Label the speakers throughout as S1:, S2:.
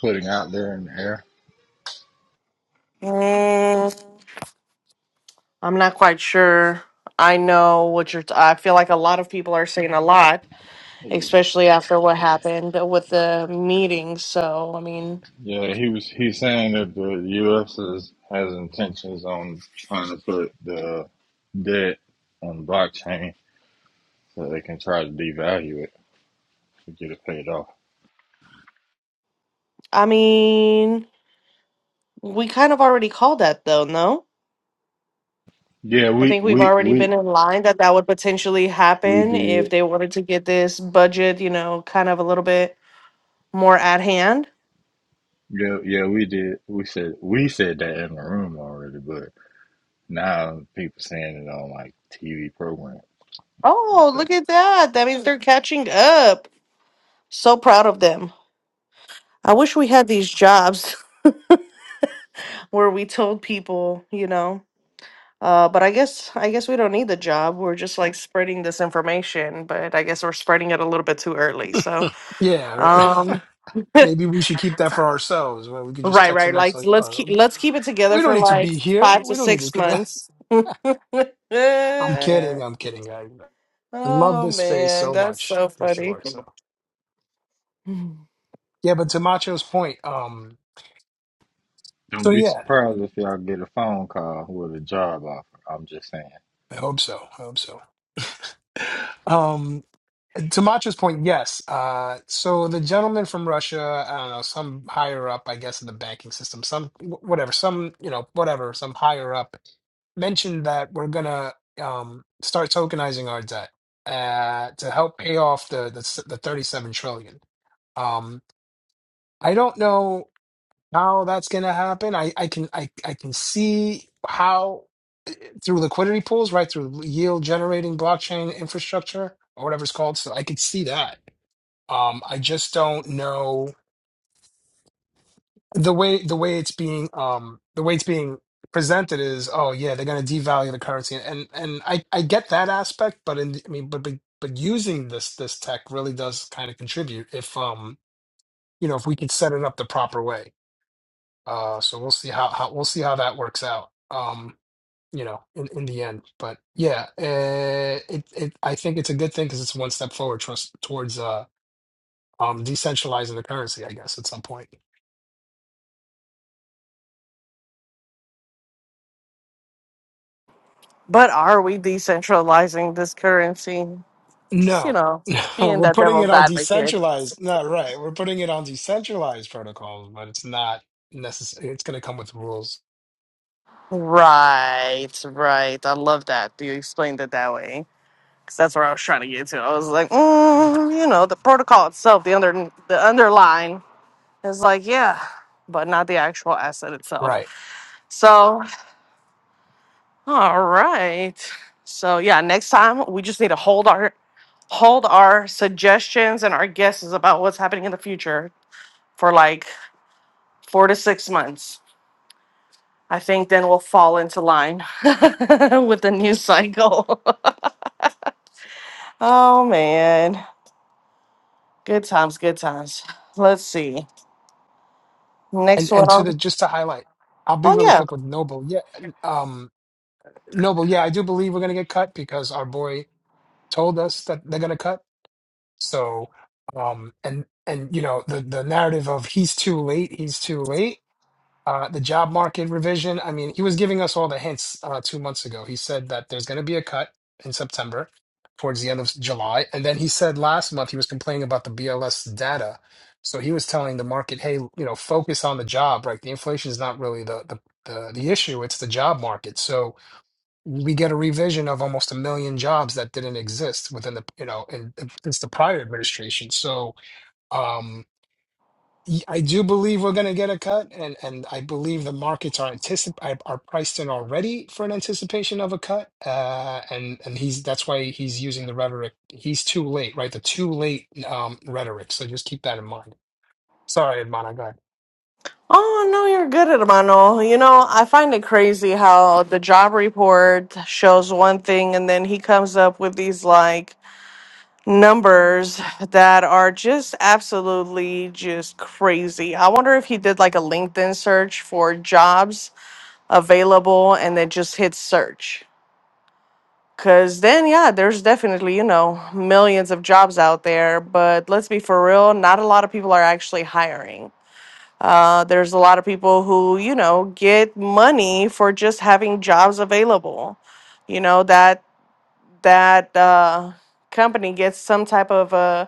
S1: putting out there in the air.
S2: Mm, I'm not quite sure. I know what you're. T- I feel like a lot of people are saying a lot, especially after what happened with the meeting. So I mean,
S1: Yeah, he was. He's saying that the U.S. Is, has intentions on trying to put the debt on blockchain so they can try to devalue it to get it paid off.
S2: I mean, we kind of already called that, though. No,
S1: Yeah,
S2: I
S1: we
S2: think we've
S1: we
S2: already
S1: we
S2: been in line that that would potentially
S1: we
S2: happen if
S1: did.
S2: they wanted to get this budget, you know, kind of a little bit more at hand.
S1: Yeah, yeah, we did. We said we said that in the room already, but now people saying it on like TV programs and
S2: Oh,
S1: stuff.
S2: look at that! That means they're catching up. So proud of them. I wish we had these jobs. where we told people, you know. Uh, but I guess I guess we don't need the job. We're just like spreading this information, but I guess we're spreading it a little bit too early. So,
S3: Yeah, right.
S2: um, right,
S3: maybe we should keep that for ourselves. Where we could just text
S2: right.
S3: amongst
S2: Like
S3: like,
S2: let's keep
S3: oh,
S2: let's keep it together
S3: we don't
S2: for
S3: need to
S2: like
S3: be here.
S2: five to
S3: We don't need to.
S2: six
S3: dr-
S2: months. oh
S3: I'm kidding. I'm kidding. I, I love this space
S2: man,
S3: so
S2: that's
S3: much
S2: so
S3: for
S2: funny.
S3: sure. So yeah, but to Macho's point, um, so
S1: Don't be
S3: yeah,
S1: surprised if y'all get a phone call with a job offer. I'm just saying.
S3: I hope so. I hope so. Um, to Macho's point, yes. Uh, so the gentleman from Russia, I don't know, some higher up, I guess, in the banking system, some wh- whatever, some you know, whatever, some higher up mentioned that we're gonna um, start tokenizing our debt uh, to help pay off the the, s- the 37 trillion. Um, I don't know how that's gonna happen. I, I can I, I can see how eh, through liquidity pools, right through yield generating blockchain infrastructure or whatever it's called. So I could see that. Um, I just don't know the way the way it's being um the way it's being presented is oh yeah they're going to devalue the currency and and I I get that aspect but in I mean but but but using this this tech really does kind of contribute if um you know if we could set it up the proper way uh so we'll see how how we'll see how that works out um you know in in the end but yeah uh, it it I think it's a good thing because it's one step forward trust towards uh um decentralizing the currency I guess at some point.
S2: But are we decentralizing this currency? Just you
S3: No,
S2: know,
S3: no,
S2: being
S3: we're
S2: that
S3: putting it
S2: devil's
S3: on
S2: advocate.
S3: decentralized. Not right. We're putting it on decentralized protocols, but it's not necessary. It's going to come with rules,
S2: Right, right. I love that. You explained it that way. Because that's where I was trying to get to. I was like, mm, you know, the protocol itself, the under the underline is like, yeah, but not the actual asset itself.
S3: right?
S2: So, all right. So yeah, next time we just need to hold our hold our suggestions and our guesses about what's happening in the future for like four to six months. I think then we'll fall into line with the news cycle. Oh man, good times, good times. Let's see. Next
S3: And
S2: one.
S3: and to the just to highlight, I'll be
S2: Oh
S3: really
S2: yeah.
S3: quick with Noble. Yeah, um, Noble. Yeah, I do believe we're going to get cut because our boy told us that they're going to cut. So, um, and and you know the the narrative of he's too late, he's too late Uh, the job market revision. I mean, he was giving us all the hints uh, two months ago. He said that there's going to be a cut in September, towards the end of July, and then he said last month he was complaining about the BLS data. So he was telling the market, hey, you know, focus on the job. Right, the inflation is not really the the the, the issue; it's the job market. So we get a revision of almost a million jobs that didn't exist within the you know in, since the prior administration. So. um y- I do believe we're going to get a cut, and and I believe the markets are anticip are are priced in already for an anticipation of a cut. Uh, and and he's that's why he's using the rhetoric. He's too late, right? The too late um, rhetoric. So just keep that in mind. Sorry, Edmana, go ahead.
S2: Oh no, you're good at Emmanuel. You know, I find it crazy how the job report shows one thing, and then he comes up with these like numbers that are just absolutely just crazy. I wonder if he did like a LinkedIn search for jobs available, and then just hit search. Cause then, yeah, there's definitely, you know, millions of jobs out there. But let's be for real, not a lot of people are actually hiring. Uh, there's a lot of people who, you know, get money for just having jobs available. You know that that uh, company gets some type of uh,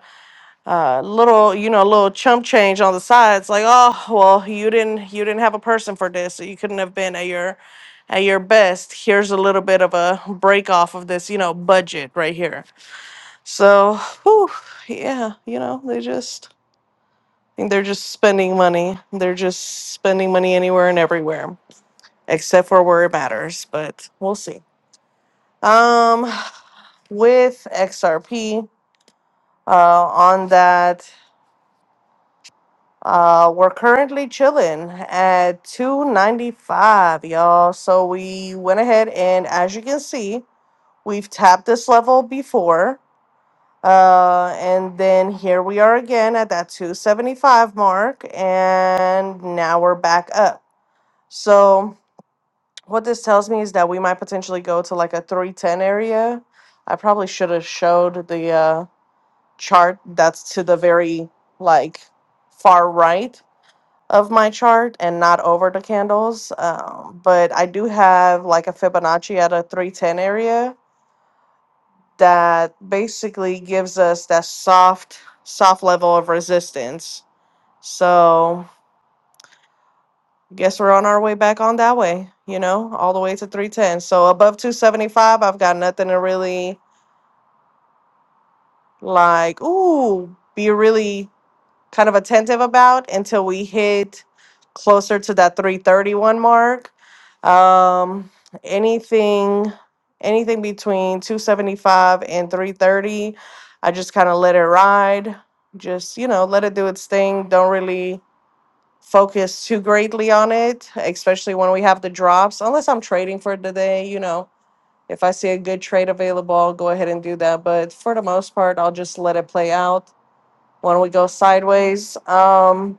S2: uh, little, you know, little chump change on the side. It's like, oh, well, you didn't, you didn't have a person for this, so you couldn't have been at your, at your best. Here's a little bit of a break off of this, you know, budget right here. So, whew, yeah, you know, they just, I think they're just spending money. They're just spending money anywhere and everywhere, except for where it matters. But we'll see. Um, with XRP, uh, on that. Uh, we're currently chilling at 295, y'all. So we went ahead and as you can see, we've tapped this level before. Uh, and then here we are again at that 275 mark, and now we're back up. So what this tells me is that we might potentially go to like a 310 area. I probably should have showed the uh chart that's to the very like far right of my chart and not over the candles. Um, but I do have like a Fibonacci at a 310 area that basically gives us that soft, soft level of resistance. So guess we're on our way back on that way, you know, all the way to 310. So above 275, I've got nothing to really like, ooh, be really kind of attentive about until we hit closer to that 331 mark. Um, anything, anything between 275 and 330, I just kind of let it ride. Just you know, let it do its thing. Don't really focus too greatly on it, especially when we have the drops. Unless I'm trading for the day, you know, if I see a good trade available, I'll go ahead and do that. But for the most part, I'll just let it play out when we go sideways. Um,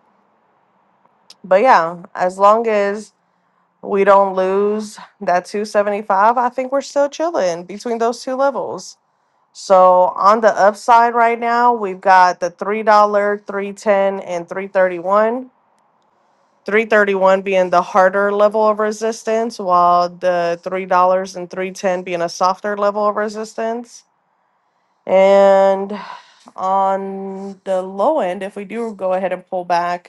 S2: but yeah, as long as we don't lose that 275, I think we're still chilling between those two levels. So on the upside right now, we've got the $3, 310 and 331. 331 being the harder level of resistance, while the $3 and 310 being a softer level of resistance. And on the low end, if we do go ahead and pull back,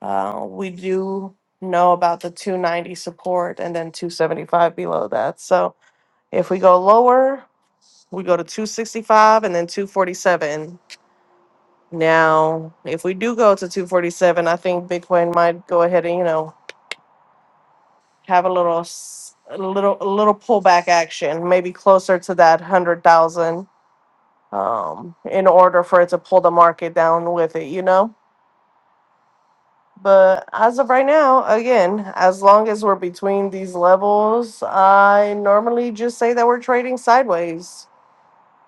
S2: uh, we do know about the 290 support and then 275 below that. So if we go lower, we go to 265 and then 247. Now, if we do go to 247, I think Bitcoin might go ahead and, you know, have a little s- a little a little pullback action, maybe closer to that 100,000 um in order for it to pull the market down with it, you know? But as of right now, again, as long as we're between these levels, I normally just say that we're trading sideways.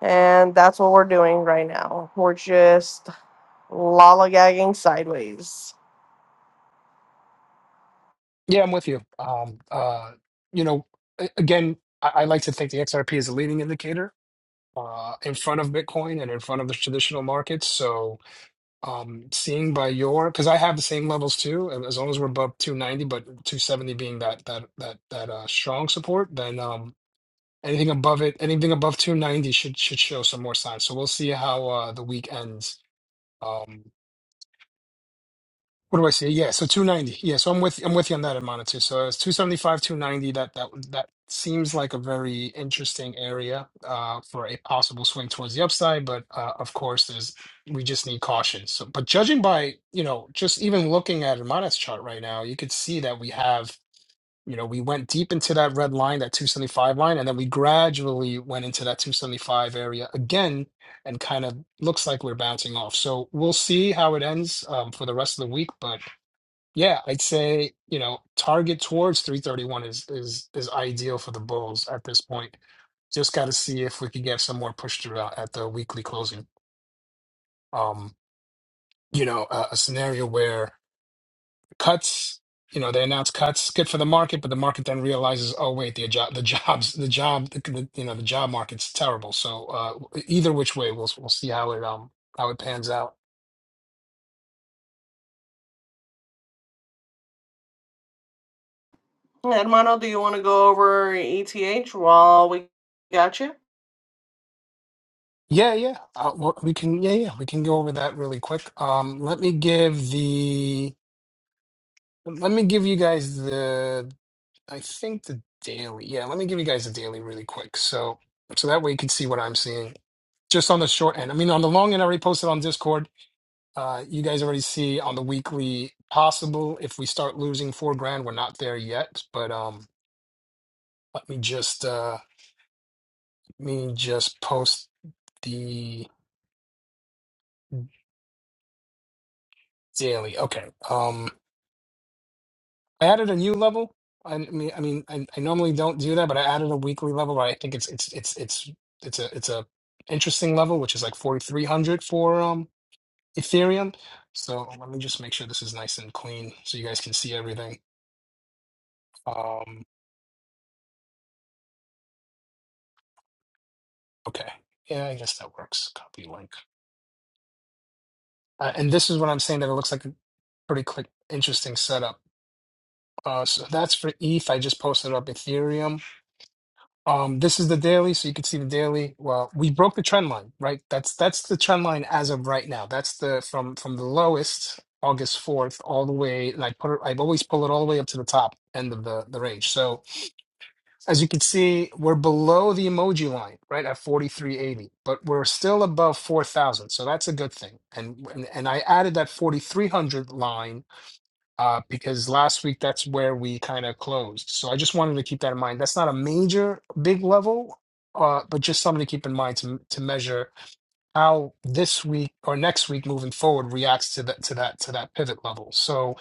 S2: And that's what we're doing right now. We're just lollygagging sideways.
S3: Yeah, I'm with you. Um, uh, you know, a- again, I, I like to think the XRP is a leading indicator uh, in front of Bitcoin and in front of the traditional markets. So. Um, seeing by your, because I have the same levels too, and as long as we're above 290, but 270 being that that that that uh, strong support, then um, anything above it, anything above 290 should should show some more signs. So we'll see how uh, the week ends. Um, what do I say? Yeah, so 290. Yeah, so I'm with I'm with you on that amount too. So it's 275, 290. That that that seems like a very interesting area uh for a possible swing towards the upside, but uh of course there's we just need caution. So but judging by, you know, just even looking at Amanat's chart right now, you could see that we have, you know, we went deep into that red line, that 275 line, and then we gradually went into that 275 area again and kind of looks like we're bouncing off. So we'll see how it ends um, for the rest of the week. But yeah, I'd say, you know, target towards 331 is is is ideal for the Bulls at this point. Just got to see if we can get some more push through out at the weekly closing. Um, you know, a, a scenario where cuts, you know, they announce cuts, good for the market, but the market then realizes, oh wait, the job, the jobs, the job, the, the, you know, the job market's terrible. So uh, either which way, we'll we'll see how it um how it pans out.
S2: Hermano, do you want to go over ETH while we got you?
S3: Yeah, yeah, uh, we we can. Yeah, yeah, we can go over that really quick. Um, let me give the Let me give you guys the, I think the daily. Yeah, let me give you guys the daily really quick. So, so that way you can see what I'm seeing. Just on the short end. I mean, on the long end, I already posted on Discord. Uh, you guys already see on the weekly possible. If we start losing four grand, we're not there yet. But um, let me just uh, let me just post the daily. Okay. Um, I added a new level. I I mean, I mean, I, I normally don't do that, but I added a weekly level. I think it's it's it's it's it's a it's a interesting level, which is like 4,300 for um Ethereum. So let me just make sure this is nice and clean, so you guys can see everything. Um, okay, yeah, I guess that works. Copy link, uh, and this is what I'm saying that it looks like a pretty quick, interesting setup. Uh, so that's for ETH. I just posted up Ethereum. Um, this is the daily, so you can see the daily. Well, we broke the trend line, right? That's that's the trend line as of right now. That's the from from the lowest August 4th all the way, and I put it, I've always pull it all the way up to the top end of the the range. So as you can see, we're below the emoji line, right, at 4380, but we're still above 4000. So that's a good thing. And and, and I added that 4300 line uh, because last week that's where we kind of closed. So I just wanted to keep that in mind. That's not a major big level, uh, but just something to keep in mind to to measure how this week or next week moving forward reacts to that to that to that pivot level. So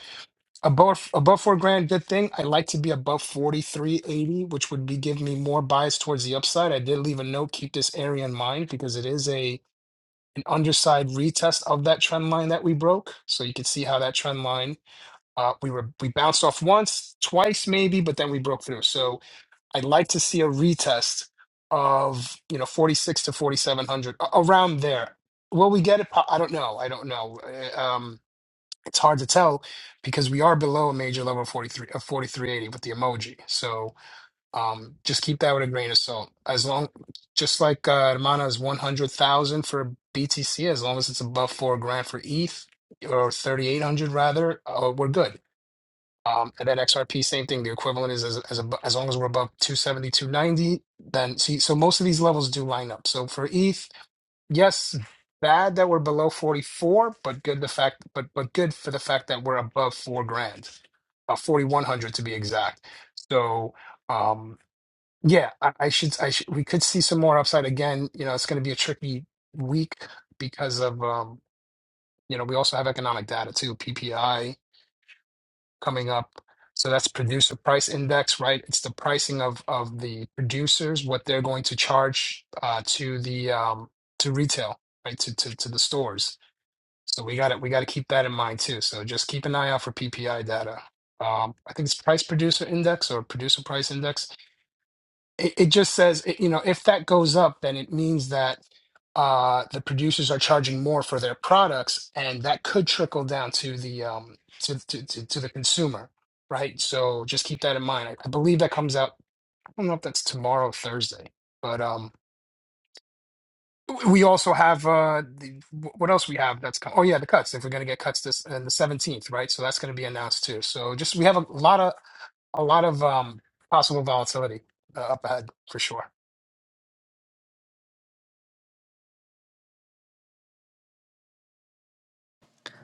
S3: above above four grand, good thing. I like to be above forty three eighty, which would be giving me more bias towards the upside. I did leave a note. Keep this area in mind because it is a an underside retest of that trend line that we broke. So you can see how that trend line uh, we were we bounced off once, twice maybe, but then we broke through. So I'd like to see a retest of you know 46 to 4700 a- around there. Will we get it? Po- I don't know. I don't know. Uh, Um, it's hard to tell because we are below a major level of 43 of 4380 with the emoji. So um, just keep that with a grain of salt. As long, just like uh, Hermana's 100,000 for BTC, as long as it's above four grand for ETH or 3,800 rather, uh, we're good um, and then XRP, same thing. The equivalent is as as, abo- as long as we're above two seventy, two ninety, then see. So most of these levels do line up. So for ETH, yes, bad that we're below 44, but good the fact, but but good for the fact that we're above four grand, uh, 4100 to be exact. So um, yeah, I, I should I should we could see some more upside again. You know, it's going to be a tricky week because of um, you know we also have economic data too, PPI coming up. So that's producer price index, right? It's the pricing of of the producers, what they're going to charge uh, to the um, to retail, right? To, to to the stores. So we got to we got to keep that in mind too. So just keep an eye out for PPI data. Um, I think it's price producer index or producer price index it, it just says it- you know if that goes up then it means that uh the producers are charging more for their products and that could trickle down to the um to to to, to the consumer right so just keep that in mind I, I believe that comes out i don't know if that's tomorrow thursday but um w- we also have uh the, wh- what else we have that's co- oh yeah the cuts if we're going to get cuts this and the 17th right so that's going to be announced too so just we have a lot of a lot of um possible volatility uh, up ahead for sure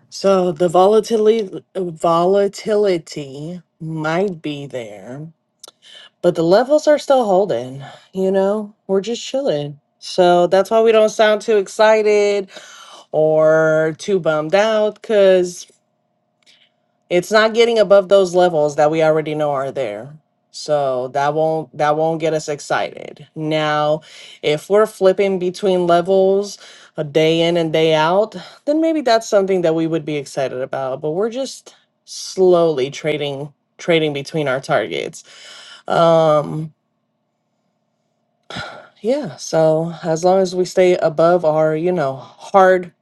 S2: So the volatility volatility might be there. but the levels are still holding you know we're just chilling so that's why we don't sound too excited or too bummed out because it's not getting above those levels that we already know are there so that won't that won't get us excited now if we're flipping between levels a day in and day out then maybe that's something that we would be excited about but we're just slowly trading trading between our targets Um. Yeah, so as long as we stay above our, you know, hard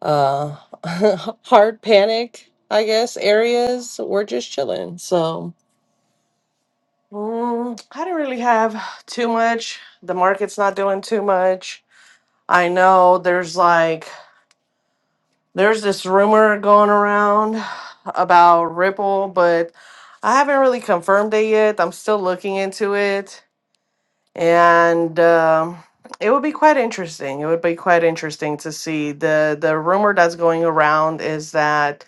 S2: uh hard panic, I guess, areas, we're just chilling. So, mm, I don't really have too much. The market's not doing too much. I know there's like there's this rumor going around about Ripple, but I haven't really confirmed it yet. I'm still looking into it. and um, it would be quite interesting. It would be quite interesting to see the the rumor that's going around is that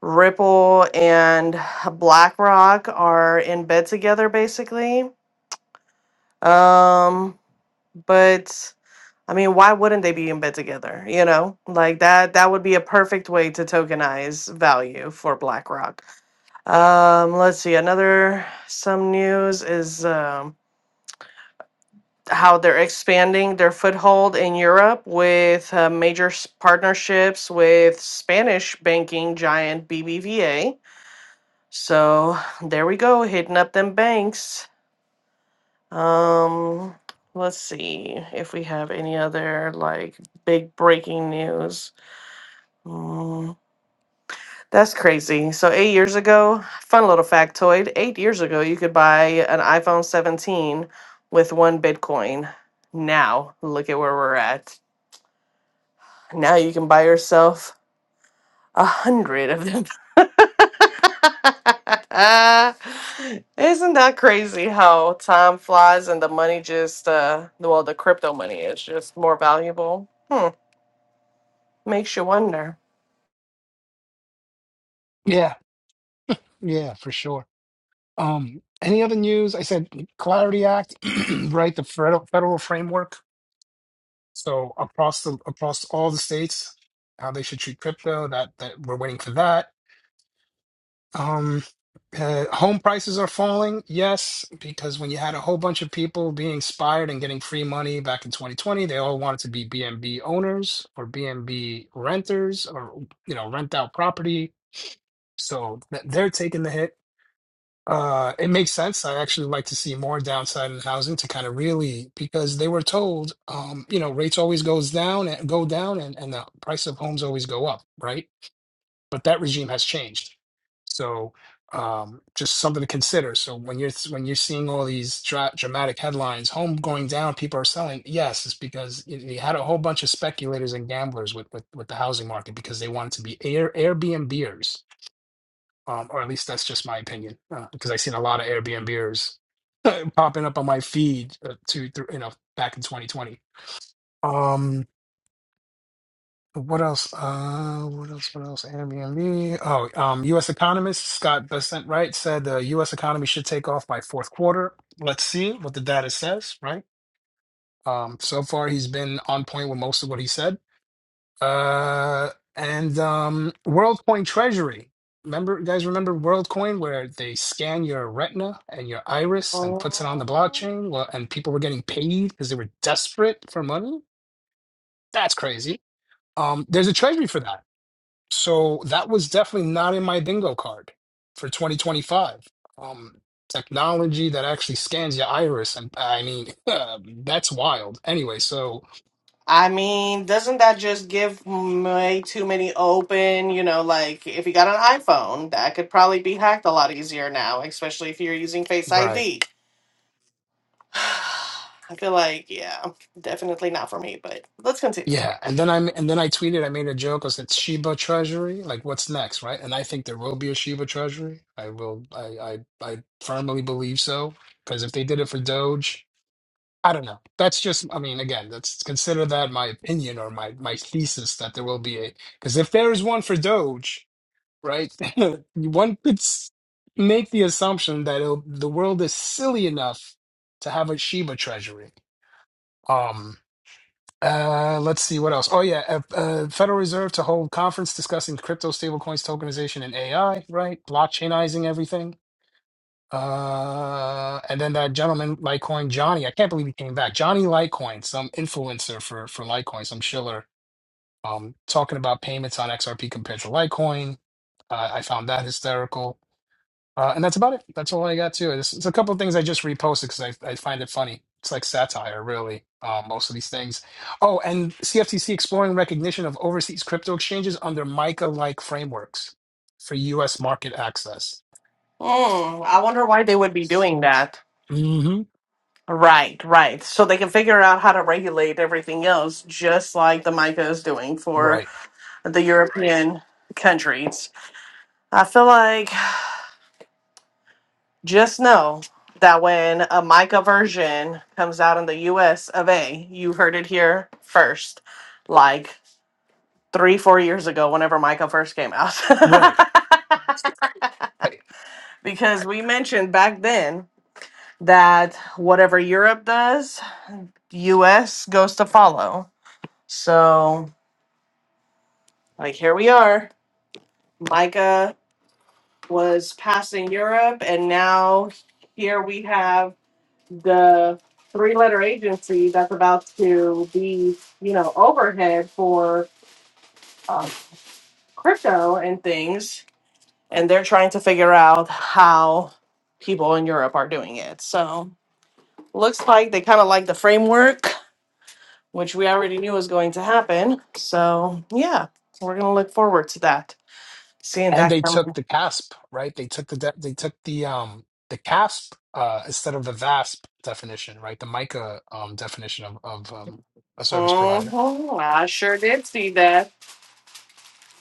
S2: Ripple and BlackRock are in bed together, basically. Um, but I mean, why wouldn't they be in bed together? You know, like that that would be a perfect way to tokenize value for BlackRock. Um, let's see, another some news is. Um, how they're expanding their foothold in Europe with uh, major s- partnerships with Spanish banking giant BBVA. So there we go, hitting up them banks. Um, let's see if we have any other like big breaking news. Mm, that's crazy. So eight years ago, fun little factoid. Eight years ago, you could buy an iPhone 17 with one Bitcoin. Now look at where we're at. Now you can buy yourself a hundred of them. Isn't that crazy how time flies and the money just, uh, well, the crypto money is just more valuable? Hmm. Makes you wonder.
S3: Yeah. Yeah, for sure. Um, any other news? I said Clarity Act, right? The federal federal framework. So across the across all the states, how they should treat crypto. That that we're waiting for that. Um, uh, home prices are falling. Yes, because when you had a whole bunch of people being inspired and getting free money back in 2020, they all wanted to be BNB owners or BNB renters or you know rent out property. So th- they're taking the hit Uh, it makes sense. I actually like to see more downside in housing to kind of really because they were told, um, you know, rates always goes down and go down and, and the price of homes always go up, right? But that regime has changed. So um, just something to consider. So when you're when you're seeing all these dra dramatic headlines, home going down, people are selling. Yes, it's because you you had a whole bunch of speculators and gamblers with with, with the housing market because they wanted to be Air Airbnbers um, or at least that's just my opinion uh, because I've seen a lot of Airbnbers uh, popping up on my feed uh, to through, you know back in 2020. Um, what else? Uh, what else? What else? Airbnb. Oh, um, U.S. economist Scott Bessent right said the U.S. economy should take off by fourth quarter. Let's see what the data says. Right. Um, so far, he's been on point with most of what he said Uh, and um, WorldCoin Treasury. Remember, you guys remember WorldCoin, where they scan your retina and your iris and
S2: Mhm.
S3: puts it on the blockchain? Well, and people were getting paid because they were desperate for money. That's crazy. Um, there's a treasury for that. So that was definitely not in my bingo card for 2025. Um, technology that actually scans your iris, and I mean, that's wild. Anyway, so
S2: I mean, doesn't that just give way too many open, you know, like if you got an iPhone, that could probably be hacked a lot easier now, especially if you're using Face
S3: right.
S2: ID. I feel like, yeah, definitely not for me, but let's continue.
S3: Yeah, and then I and then I tweeted. I made a joke. I said Shiba Treasury. Like, what's next, right? And I think there will be a Shiba Treasury. I will. I I, I firmly believe so. Because if they did it for Doge, I don't know. That's just. I mean, again, that's consider that my opinion or my my thesis that there will be a. Because if there is one for Doge, right, one could s- make the assumption that it'll, the world is silly enough to have a Shiba Treasury. Um. Uh, let's see what else. Oh yeah, uh, uh, Federal Reserve to hold conference discussing crypto, stablecoins, tokenization, and AI. Right, blockchainizing everything. Uh, and then that gentleman, Litecoin Johnny. I can't believe he came back. Johnny Litecoin, some influencer for for Litecoin, some shiller. Um, talking about payments on XRP compared to Litecoin. Uh, I found that hysterical. Uh, and that's about it. That's all I got too. It's, it's a couple of things I just reposted because I, I find it funny. It's like satire, really. Uh, most of these things. Oh, and CFTC exploring recognition of overseas crypto exchanges under MICA-like frameworks for U.S. market access.
S2: Mm, I wonder why they would be doing that.
S3: hmm
S2: Right, right. So they can figure out how to regulate everything else, just like the MICA is doing for
S3: Right.
S2: the European countries. I feel like just know that when a MICA version comes out in the US of A, you heard it here first, like three, four years ago, whenever MICA first came out.
S3: Right. Right.
S2: because we mentioned back then that whatever Europe does, US goes to follow. So, like, here we are. Micah was passing Europe, and now here we have the three letter agency that's about to be, you know, overhead for um, crypto and things. And they're trying to figure out how people in Europe are doing it. So, looks like they kind of like the framework which we already knew was going to happen. So yeah, we're gonna look forward to that. Seeing
S3: And
S2: that
S3: they
S2: come.
S3: took the CASP. Right. They took the de- they took the um the CASP uh, instead of the VASP definition. Right. The MICA um, definition of of um, a service provider.
S2: Mm-hmm. I sure did see that.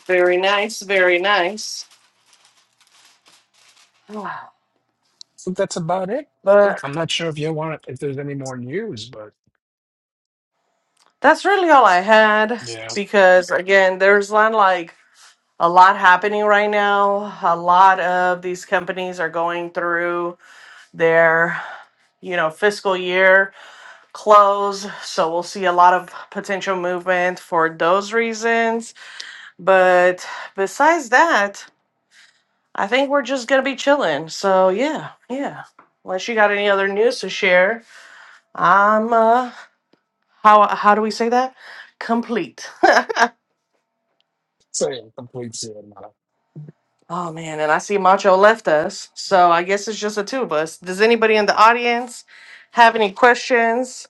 S2: Very nice, very nice.
S3: So that's about it.
S2: But
S3: I'm not sure if you want if there's any more news, but
S2: that's really all I had
S3: yeah,
S2: because again, there's not like a lot happening right now. A lot of these companies are going through their you know fiscal year close so we'll see a lot of potential movement for those reasons But besides that, I think we're just gonna be chilling. So yeah, yeah. Unless you got any other news to share, I'm uh how how do we say that? Complete.
S3: say a complete Sienna.
S2: oh man, and I see Macho left us, so I guess it's just the two of us. Does anybody in the audience have any questions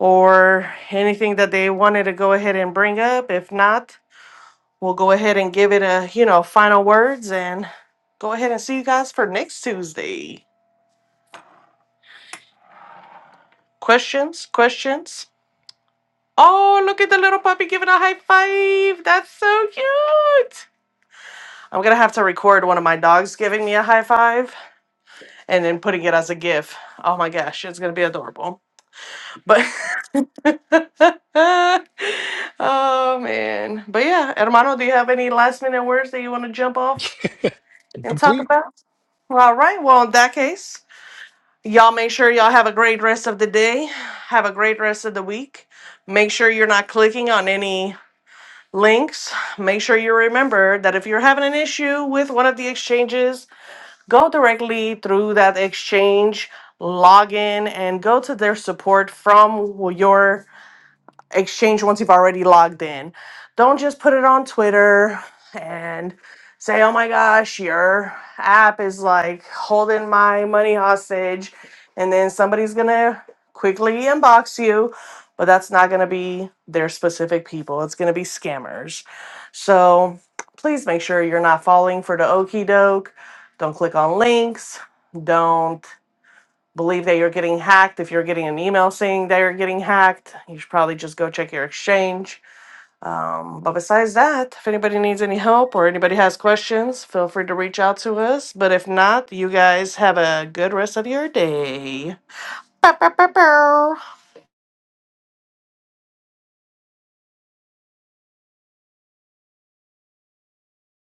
S2: or anything that they wanted to go ahead and bring up? If not, we'll go ahead and give it a you know final words and go ahead and see you guys for next Tuesday. Questions? Questions? Oh, look at the little puppy giving a high five. That's so cute. I'm going to have to record one of my dogs giving me a high five and then putting it as a GIF. Oh my gosh, it's going to be adorable. But, oh man. But yeah, hermano, do you have any last minute words that you want to jump off and talk
S3: complete
S2: about? All right. Well, in that case, y'all make sure y'all have a great rest of the day, have a great rest of the week. Make sure you're not clicking on any links, make sure you remember that if you're having an issue with one of the exchanges, go directly through that exchange, log in, and go to their support from your exchange once you've already logged in. Don't just put it on Twitter and say, oh my gosh, your app is like holding my money hostage. And then somebody's going to quickly inbox you, but that's not going to be their specific people. It's going to be scammers. So please make sure you're not falling for the okie doke. Don't click on links. Don't believe that you're getting hacked, if you're getting an email saying that you're getting hacked, you should probably just go check your exchange. Um, but besides that, if anybody needs any help or anybody has questions, feel free to reach out to us. But if not, you guys have a good rest of your day. Bow, bow, bow, bow.